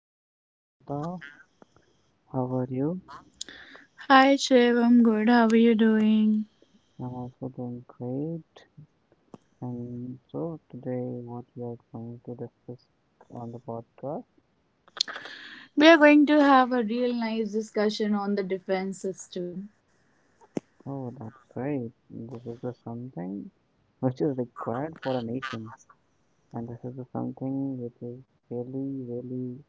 Hey, hi Nikita, how are you? Hi Shiv, I'm good. How are you doing? I'm also doing great. And so today, what we are going to discuss on the podcast? We are going to have a real nice discussion on the defense system. Oh, that's great. This is the something which is required for a nation, and this is the something which is really, really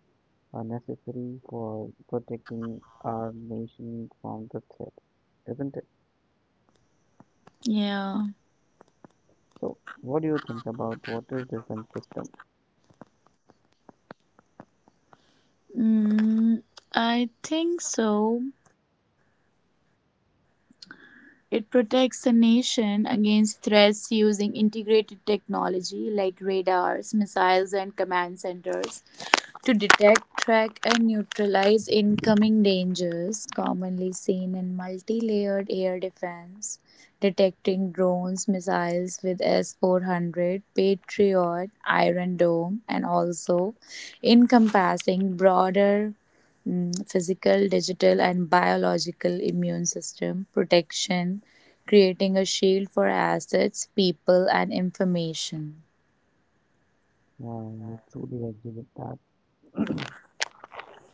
necessary for protecting our nation from the threat, isn't it? Yeah, So, what do you think about what is defense system? mm, I think so. It protects a nation against threats using integrated technology like radars, missiles, and command centers. To detect, track, and neutralize incoming dangers commonly seen in multi-layered air defense, detecting drones, missiles with S-400, Patriot, Iron Dome, and also encompassing broader physical, digital, and biological immune system protection, creating a shield for assets, people, and information. Yeah, I truly agree with that.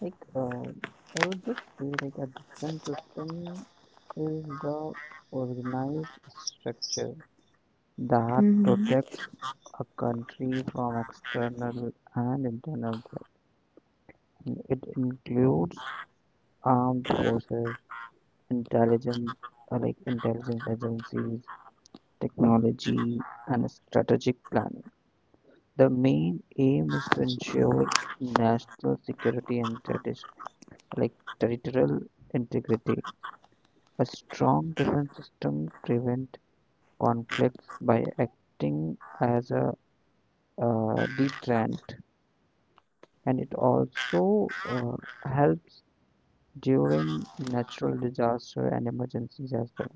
Like, uh, I would just say, like, a different system is the organized structure that Hmm. protects a country from external and internal threats. It includes armed forces, intelligence, like intelligence agencies, technology, and strategic planning. The main aim is to ensure national security and like territorial integrity. A strong defense system prevents conflicts by acting as a deterrent, and it also helps during natural disaster and emergencies as well.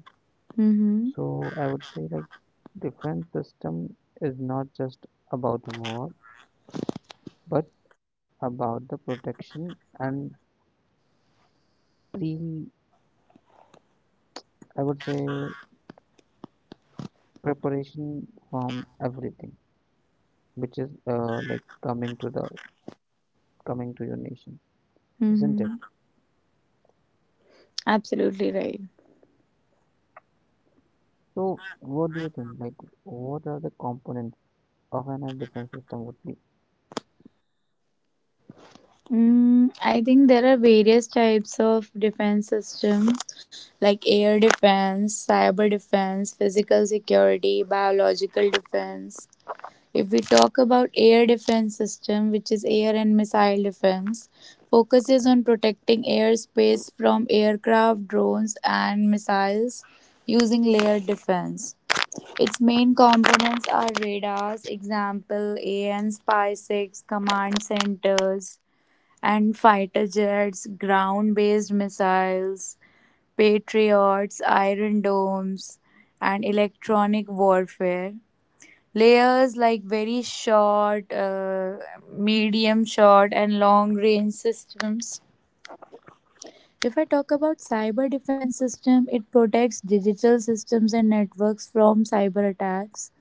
Hmm. So I would say like defense system is not just about war, but about the protection and pre, I would say preparation from everything, which is like coming to your nation, isn't it? Hmm. Absolutely right. So, what do you think? Like, what are the components of an air defense system would be? I think there are various types of defense systems like air defense, cyber defense, physical security, biological defense. If we talk about air defense system, which is air and missile defense, focuses on protecting airspace from aircraft, drones, and missiles using layered defense. Its main components are radars, example AN Spy-6, command centers, and fighter jets, ground-based missiles, Patriots, Iron Domes, and electronic warfare. Layers like very short, medium short, and long range systems. If I talk about cyber defense system, it protects digital systems and networks from cyber attacks,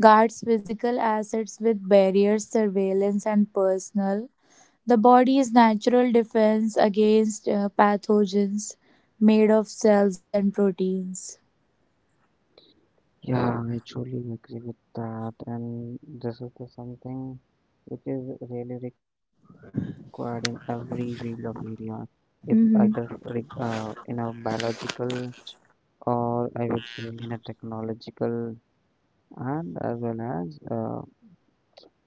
guards physical assets with barriers, surveillance, and personnel. The body's natural defense against pathogens made of cells and proteins. Yeah, I truly agree with that, and this is the something which is really required in every field of area is either Mm-hmm. re in a biological or I would say in a technological and as well as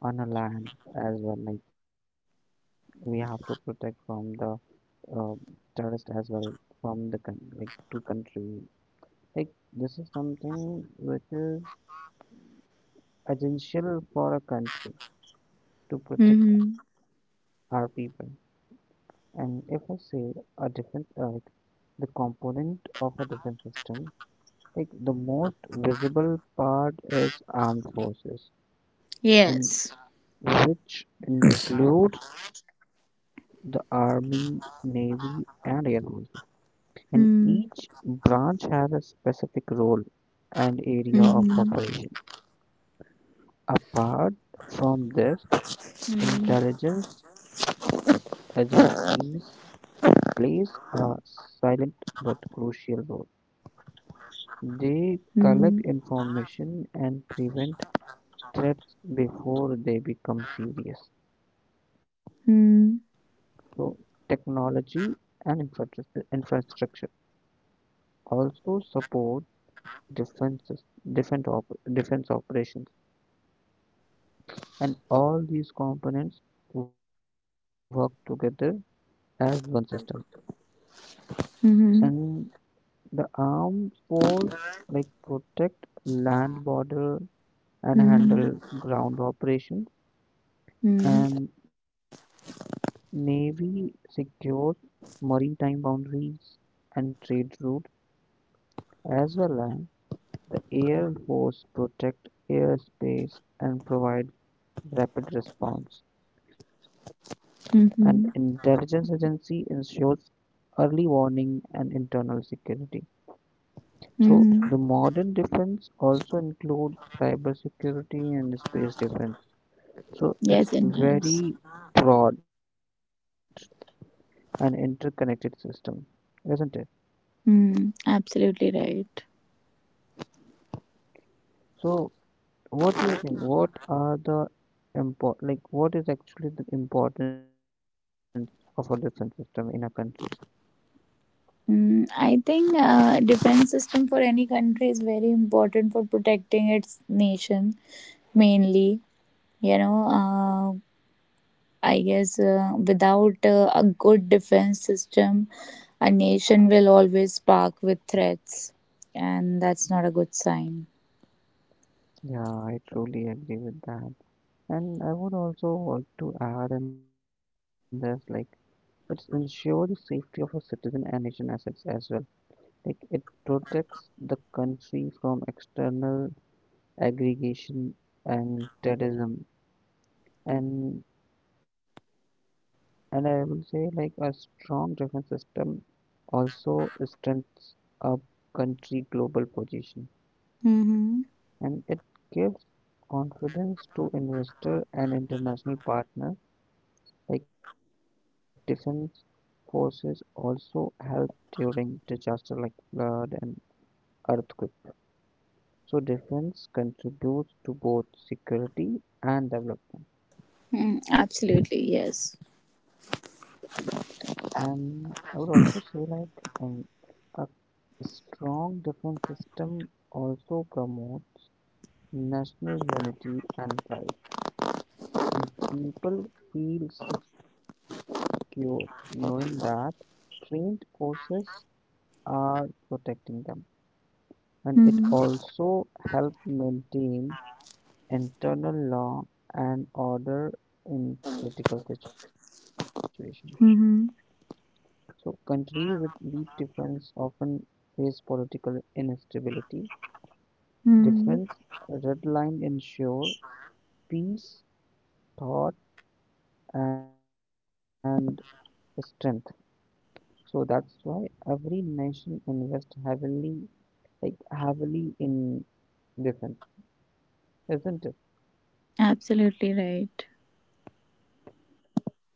on a land as well. Like we have to protect from the uh, terrorist as well from the coun like to country. Like this is something which is essential for a country to protect our Mm-hmm. people. And if I say a like the component of a defense system, like the most visible part is armed forces, and Yes. which includes the army, navy, and air forces. And Mm-hmm. each branch has a specific role and area of Mm-hmm. operation. Apart from this, intelligence agencies play a silent but crucial role. Mm-hmm. They collect information and prevent threats before they become serious. Mm-hmm. So, technology and infrastructure also support defenses, defense operations, and all these components work together as one system, Mm-hmm. and the armed force like protect land border and handle ground operations, Mm-hmm. and navy secures maritime boundaries and trade routes, as well as the air force protect airspace and provide rapid response. An intelligence Mm-hmm. agency ensures early warning and internal security. So Mm-hmm. the modern defense also include cybersecurity and space defense. So Yes, it's and yes. very broad and interconnected system, isn't it? Absolutely right. So what do you think? What are the import like what is actually the importance of a defense system in a country? I think defense system for any country is very important for protecting its nation mainly. You know, uh, I guess without a good defense system, a nation will always spark with threats, and that's not a good sign. Yeah, I truly agree with that. And I would also want to add in this like it ensures the safety of our citizen and nation assets as well. Like it protects the country from external aggregation and terrorism. And I will say like a strong defense system also strengthens a country global position, Mm-hmm. and it gives confidence to investor and international partners. Like defense forces also help during disaster like flood and earthquake. So defense contributes to both security and development. Absolutely, yes. And I would also say like um, a strong defense system also promotes national unity and pride. And people feel secure knowing that trained forces are protecting them, and it Mm-hmm. also helped maintain internal law and order in critical situations. Mm-hmm. So, countries with weak defense often face political instability. Mm-hmm. Defense red line ensure peace, thought, and strength. So that's why every nation invests heavily, like heavily in defense, isn't it? Absolutely right.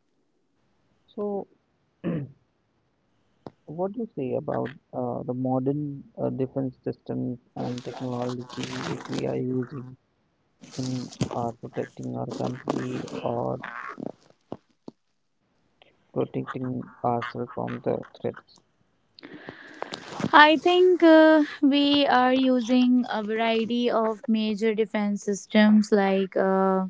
So what do you say about the modern defense systems and technology which we are using in protecting our country or protecting ourselves from the threats? I think we are using a variety of major defense systems like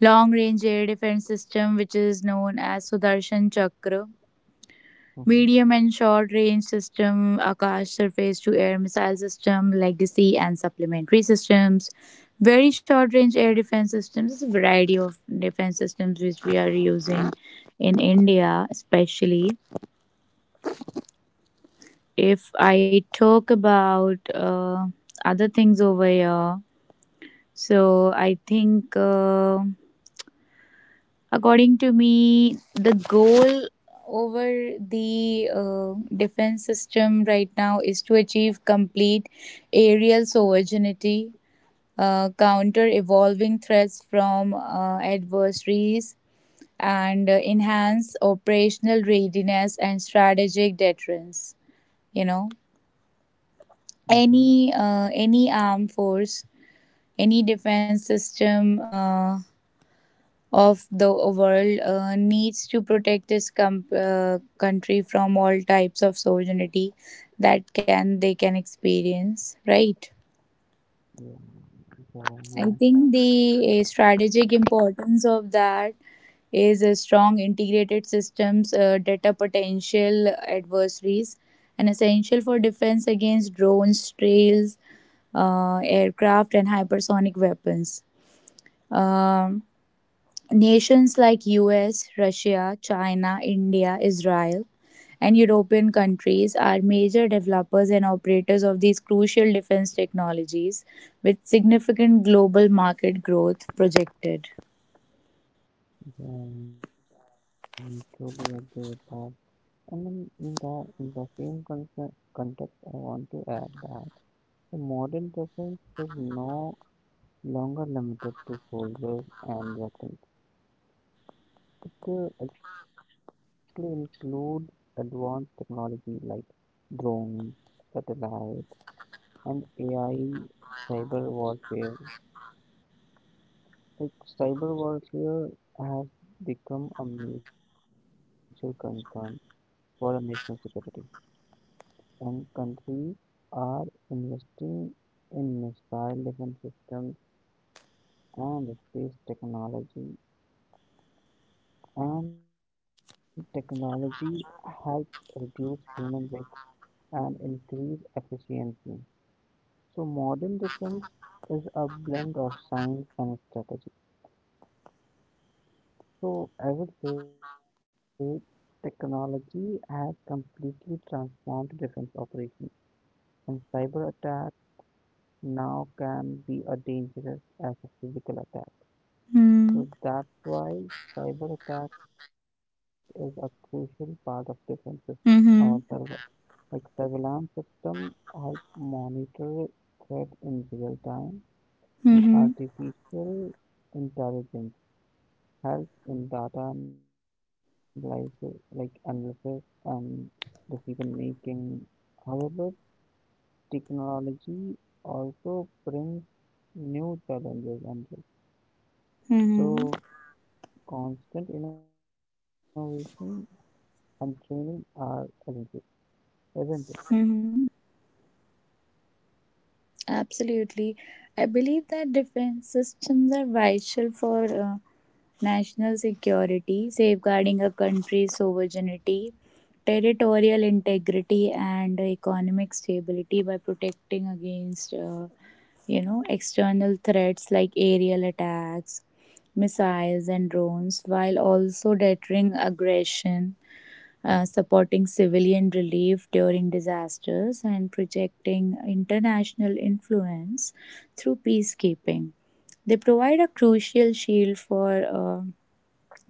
long range air defense system, which is known as Sudarshan Chakra, Mm-hmm. medium and short range system, Akash surface to air missile system, legacy and supplementary systems, very short range air defense systems. There's a variety of defense systems which we are using in India, especially. If I talk about other things over here, so I think, according to me, the goal over the defense system right now is to achieve complete aerial sovereignty, counter evolving threats from adversaries, and enhance operational readiness and strategic deterrence. You know Mm-hmm. any armed force, any defense system of the world needs to protect its country from all types of sovereignty that can they can experience, right. Yeah, yeah, yeah, I think the strategic importance of that is a strong integrated systems deter potential adversaries and essential for defense against drones, trails, aircraft, and hypersonic weapons. Um, Nations like US, Russia, China, India, Israel, and European countries are major developers and operators of these crucial defense technologies with significant global market growth projected. yeah, I totally agree with that. And then in the same context, I want to add that the modern defense is no longer limited to soldiers and weapons. It actually includes advanced technology like drones, satellites, and AI cyber warfare. Like cyber warfare has become a major concern for our national security, and countries are investing in missile defense systems and space technology. And technology helps reduce human risk and increase efficiency. So modern defense is a blend of science and strategy. So I would say technology has completely transformed defense operations, and cyber attack now can be a dangerous as a physical attack. Hmm. So that's why cyber attack is a crucial part of defense or Mhm. surveil like surveillance system help monitor threat in real time, and Mhm. artificial intelligence help in data like analysis and decision making. However, technology also brings new challenges and risks. Mhm. So constant innovation and training are essential, isn't it? Mhm. Absolutely. I believe that defense systems are vital for national security, safeguarding a country's sovereignty, territorial integrity, and economic stability by protecting against, external threats like aerial attacks, missiles, and drones, while also deterring aggression, supporting civilian relief during disasters, and projecting international influence through peacekeeping. They provide a crucial shield for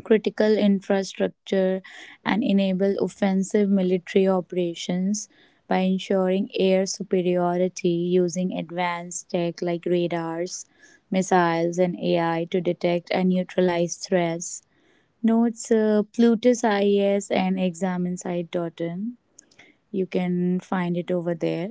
critical infrastructure and enable offensive military operations by ensuring air superiority using advanced tech like radars, missiles, and AI to detect and neutralize threats. Notes plutus is and examinesite.in. You can find it over there.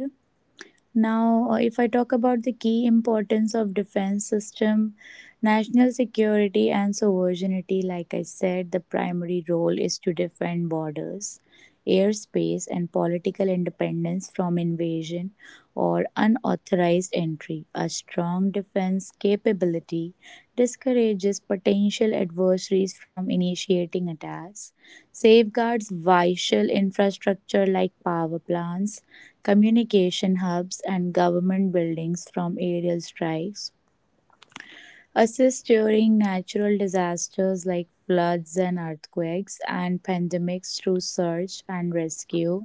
Now, if I talk about the key importance of defense system, national security and sovereignty, like I said, the primary role is to defend borders, airspace, and political independence from invasion or unauthorized entry. A strong defense capability discourages potential adversaries from initiating attacks, safeguards vital infrastructure like power plants, communication hubs, and government buildings from aerial strikes, assist during natural disasters like floods and earthquakes and pandemics through search and rescue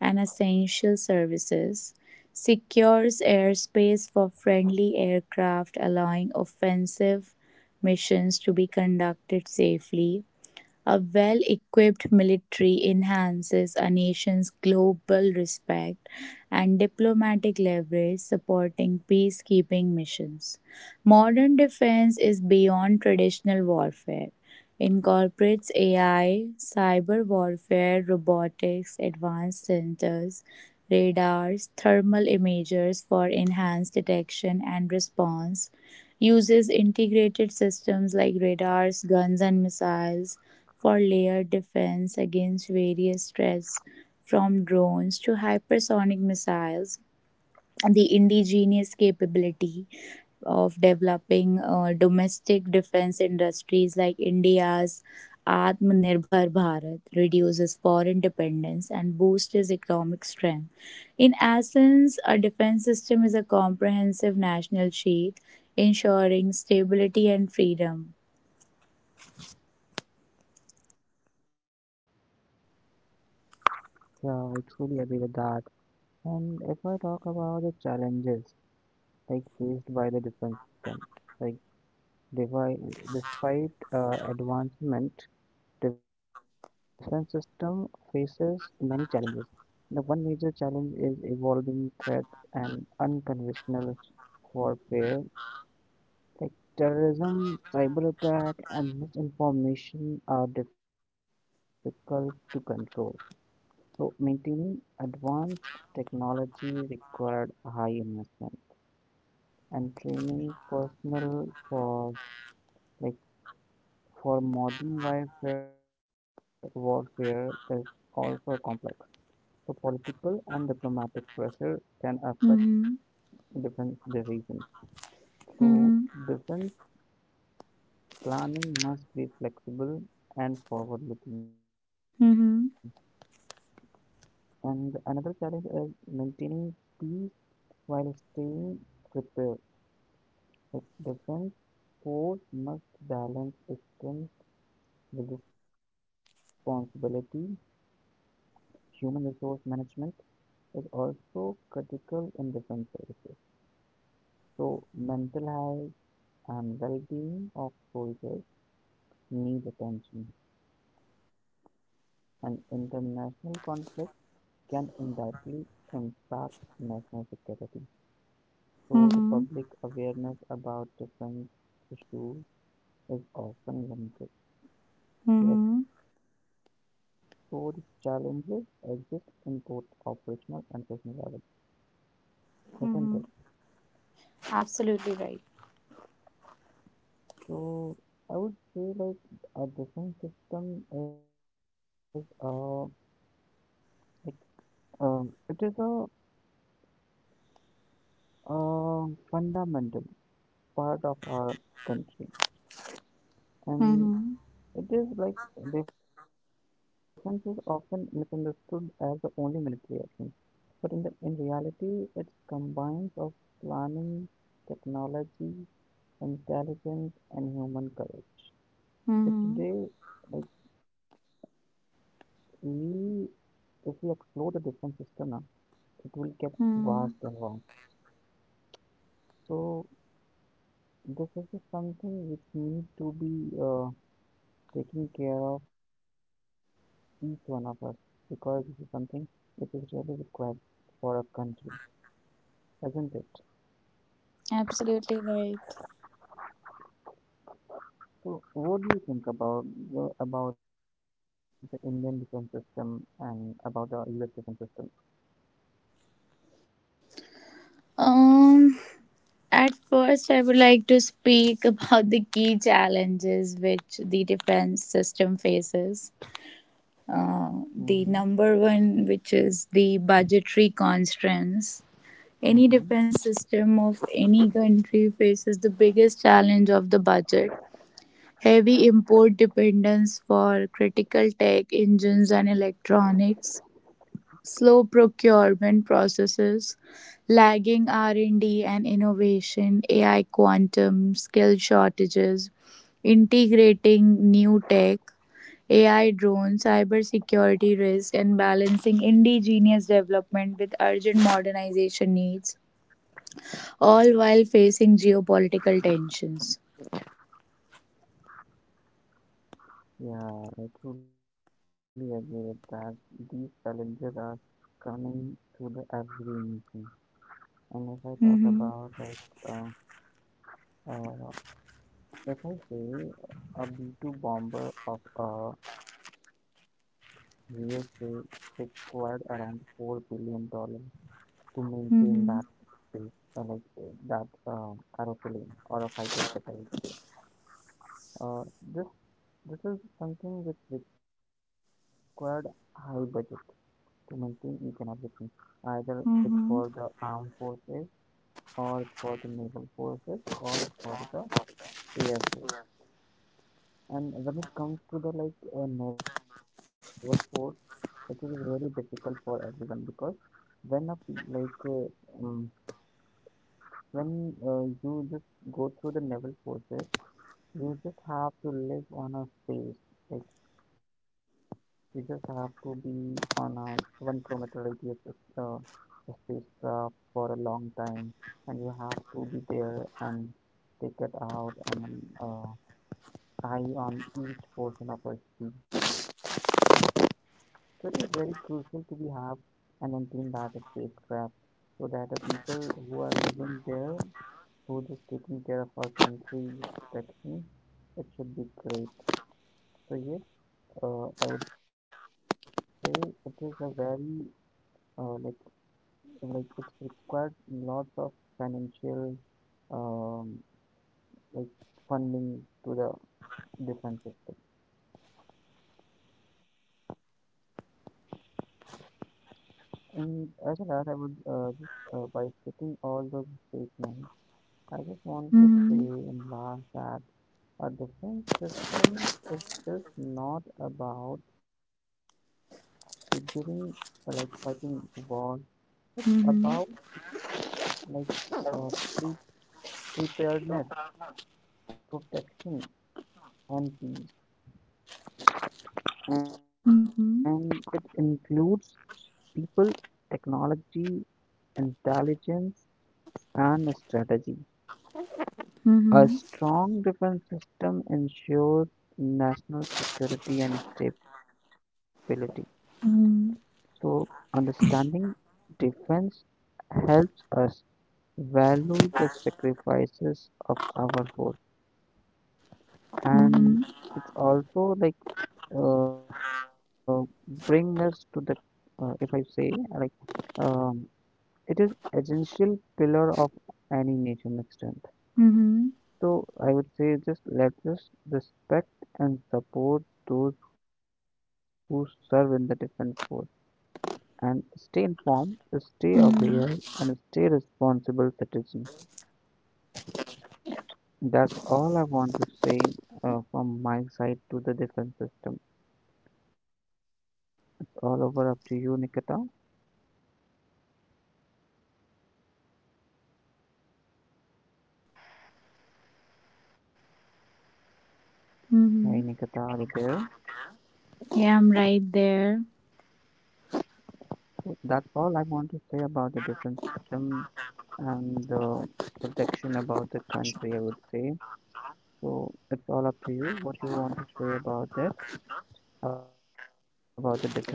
and essential services, secures airspace for friendly aircraft allowing offensive missions to be conducted safely. A well-equipped military enhances a nation's global respect and diplomatic leverage, supporting peacekeeping missions. Modern defense is beyond traditional warfare. Incorporates AI, cyber warfare, robotics, advanced sensors, radars, thermal imagers for enhanced detection and response, uses integrated systems like radars, guns, and missiles, for layered defense against various threats from drones to hypersonic missiles. The indigenous capability of developing domestic defense industries like India's Atmanirbhar Bharat reduces foreign dependence and boosts its economic strength. In essence, a defense system is a comprehensive national shield ensuring stability and freedom. Yeah, I truly agree with that. And if I talk about the challenges like faced by the defense system, like devi- despite advancement defense system faces many challenges. The one major challenge is evolving threats and unconventional warfare. Like terrorism, cyber attack, and misinformation are difficult to control. So maintaining advanced technology required high investment and training personnel for like for modern warfare is also complex. So political and diplomatic pressure can affect Mm-hmm. defense decisions. So, Mm-hmm. defense planning must be flexible and forward looking. Mm-hmm. And another challenge is maintaining peace while staying prepared. Like defense force must balance strength with responsibility. Human resource management is also critical in defense services. So, mental health and well being of soldiers need attention, and international conflict can indirectly impact national security. So, the Mm-hmm. public awareness about defense issues is often limited. To Mm-hmm. explore the challenges exist in both operational and personal level, isn't Mm-hmm. it? Absolutely right. So, I would say like a defense system is like it is a fundamental part of our country, and Mm-hmm. it is like defense is often misunderstood as the only military action, but in reality, it combines of planning, technology, intelligence, and human courage. So Mm-hmm. today, like we, if we explore the defense system now, it will get vast Mm. and wrong. So this is just something which need to be taking care of each one of us because this is something which is really required for a country, isn't it? Absolutely right. So, what do you think about about the Indian defense system and about the U.S. defense system? Um, at first, I would like to speak about the key challenges which the defense system faces. Mm-hmm. The number one, which is the budgetary constraints. Any Mm-hmm. defense system of any country faces the biggest challenge of the budget. Heavy import dependence for critical tech engines and electronics, slow procurement processes, lagging R&D and innovation, AI quantum, skill shortages, integrating new tech, AI drones, cybersecurity risk, and balancing indigenous development with urgent modernization needs, all while facing geopolitical tensions. Yeah, I truly agree with that. These challenges are coming to the every nation. And if I talk Mm-hmm. about like uh, uh, if I say a B-2 bomber of a USA required around $4 billion to maintain that Mm-hmm. space, like that aeroplane or a fighter jet, I would say. Uh, this this is something which required high budget to maintain each and everything, either it's for the Mm-hmm. armed forces or it's for the naval forces or it's for the air force. And when it comes to the like naval force, it is really difficult for everyone because when a like uh, um, when you just go through the level process, you just have to live on a space, like you just have to be on a 1 kilometer radius of, a spacecraft for a long time, and you have to be there and take it out and uh, eye on each portion of a sea, so it is very crucial to be have and maintain that statecraft so that the people who are living there, who is taking care of our country's protection, it should be great. So yes, I would say it is a very uh, like like it's required lots of financial um, like funding to the defense system. And as well as I would just by stating all those statements, I just want to say Mm-hmm. and laugh that a defense system is just not about figuring like fighting wars. It's about Mhm. like uh, pre preparedness, protection, and peace, and it Mhm. includes people, technology, intelligence, and strategy. A Mhm. strong defense system ensures national security and stability. So, Mhm. understanding defense helps us value the sacrifices of our force, and Mhm. it's also like uh, bring us to the if I say like um, it is essential pillar of any nation extent. Mhm. So I would say just let us respect and support those who serve in the defense force and stay informed, stay aware, Mhm. and stay responsible citizen. That's all I want to say from my side to the defense system. It's all over up to you, Nikita. Mhm. Hey, Nikita, are you there? Yeah, I'm right there. So that's all I want to say about the defense system and the protection about the country, I would say. So it's all up to you what you want to say about that, about the defense system. And last,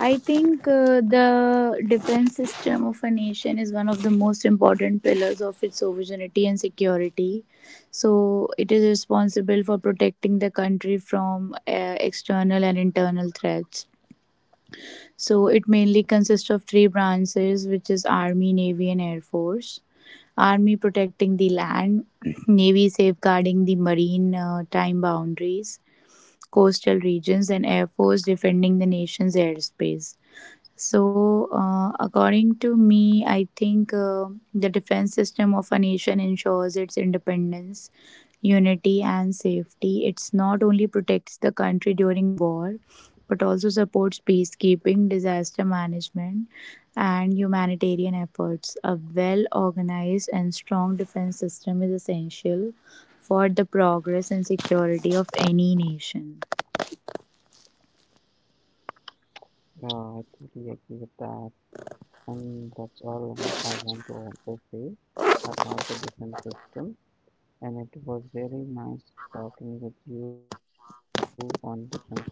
I think the defense system of a nation is one of the most important pillars of its sovereignty and security. So, it is responsible for protecting the country from external and internal threats. So, it mainly consists of three branches, which is Army, Navy, and Air Force. Army protecting the land, Navy safeguarding the marine time boundaries, coastal regions, and air force defending the nation's airspace. So, according to me, I think, the defense system of a nation ensures its independence, unity, and safety. It's not only protects the country during war, but also supports peacekeeping, disaster management, and humanitarian efforts. A well organized and strong defense system is essential for the progress and security of any nation. yeah, I totally agree with that. And that's all you know, I want to also say about the defense system. And it was really nice talking with you on defense system.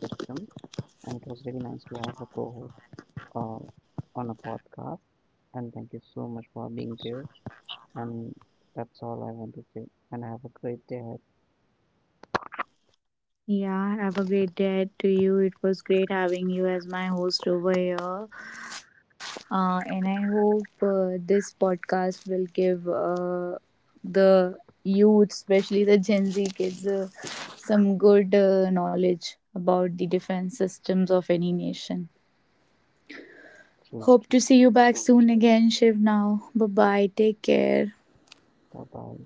And it was really nice to have a co-host uh, on a podcast. And thank you so much for being there. And that's all I want to say. And have a great day ahead. Yeah, have a great day to you. It was great having you as my host over here. And I hope this podcast will give the youth, especially the Gen Z kids, some good knowledge about the defense systems of any nation. Bye Hope to see you back soon again, Shiv. Now, bye bye. Take care. bye.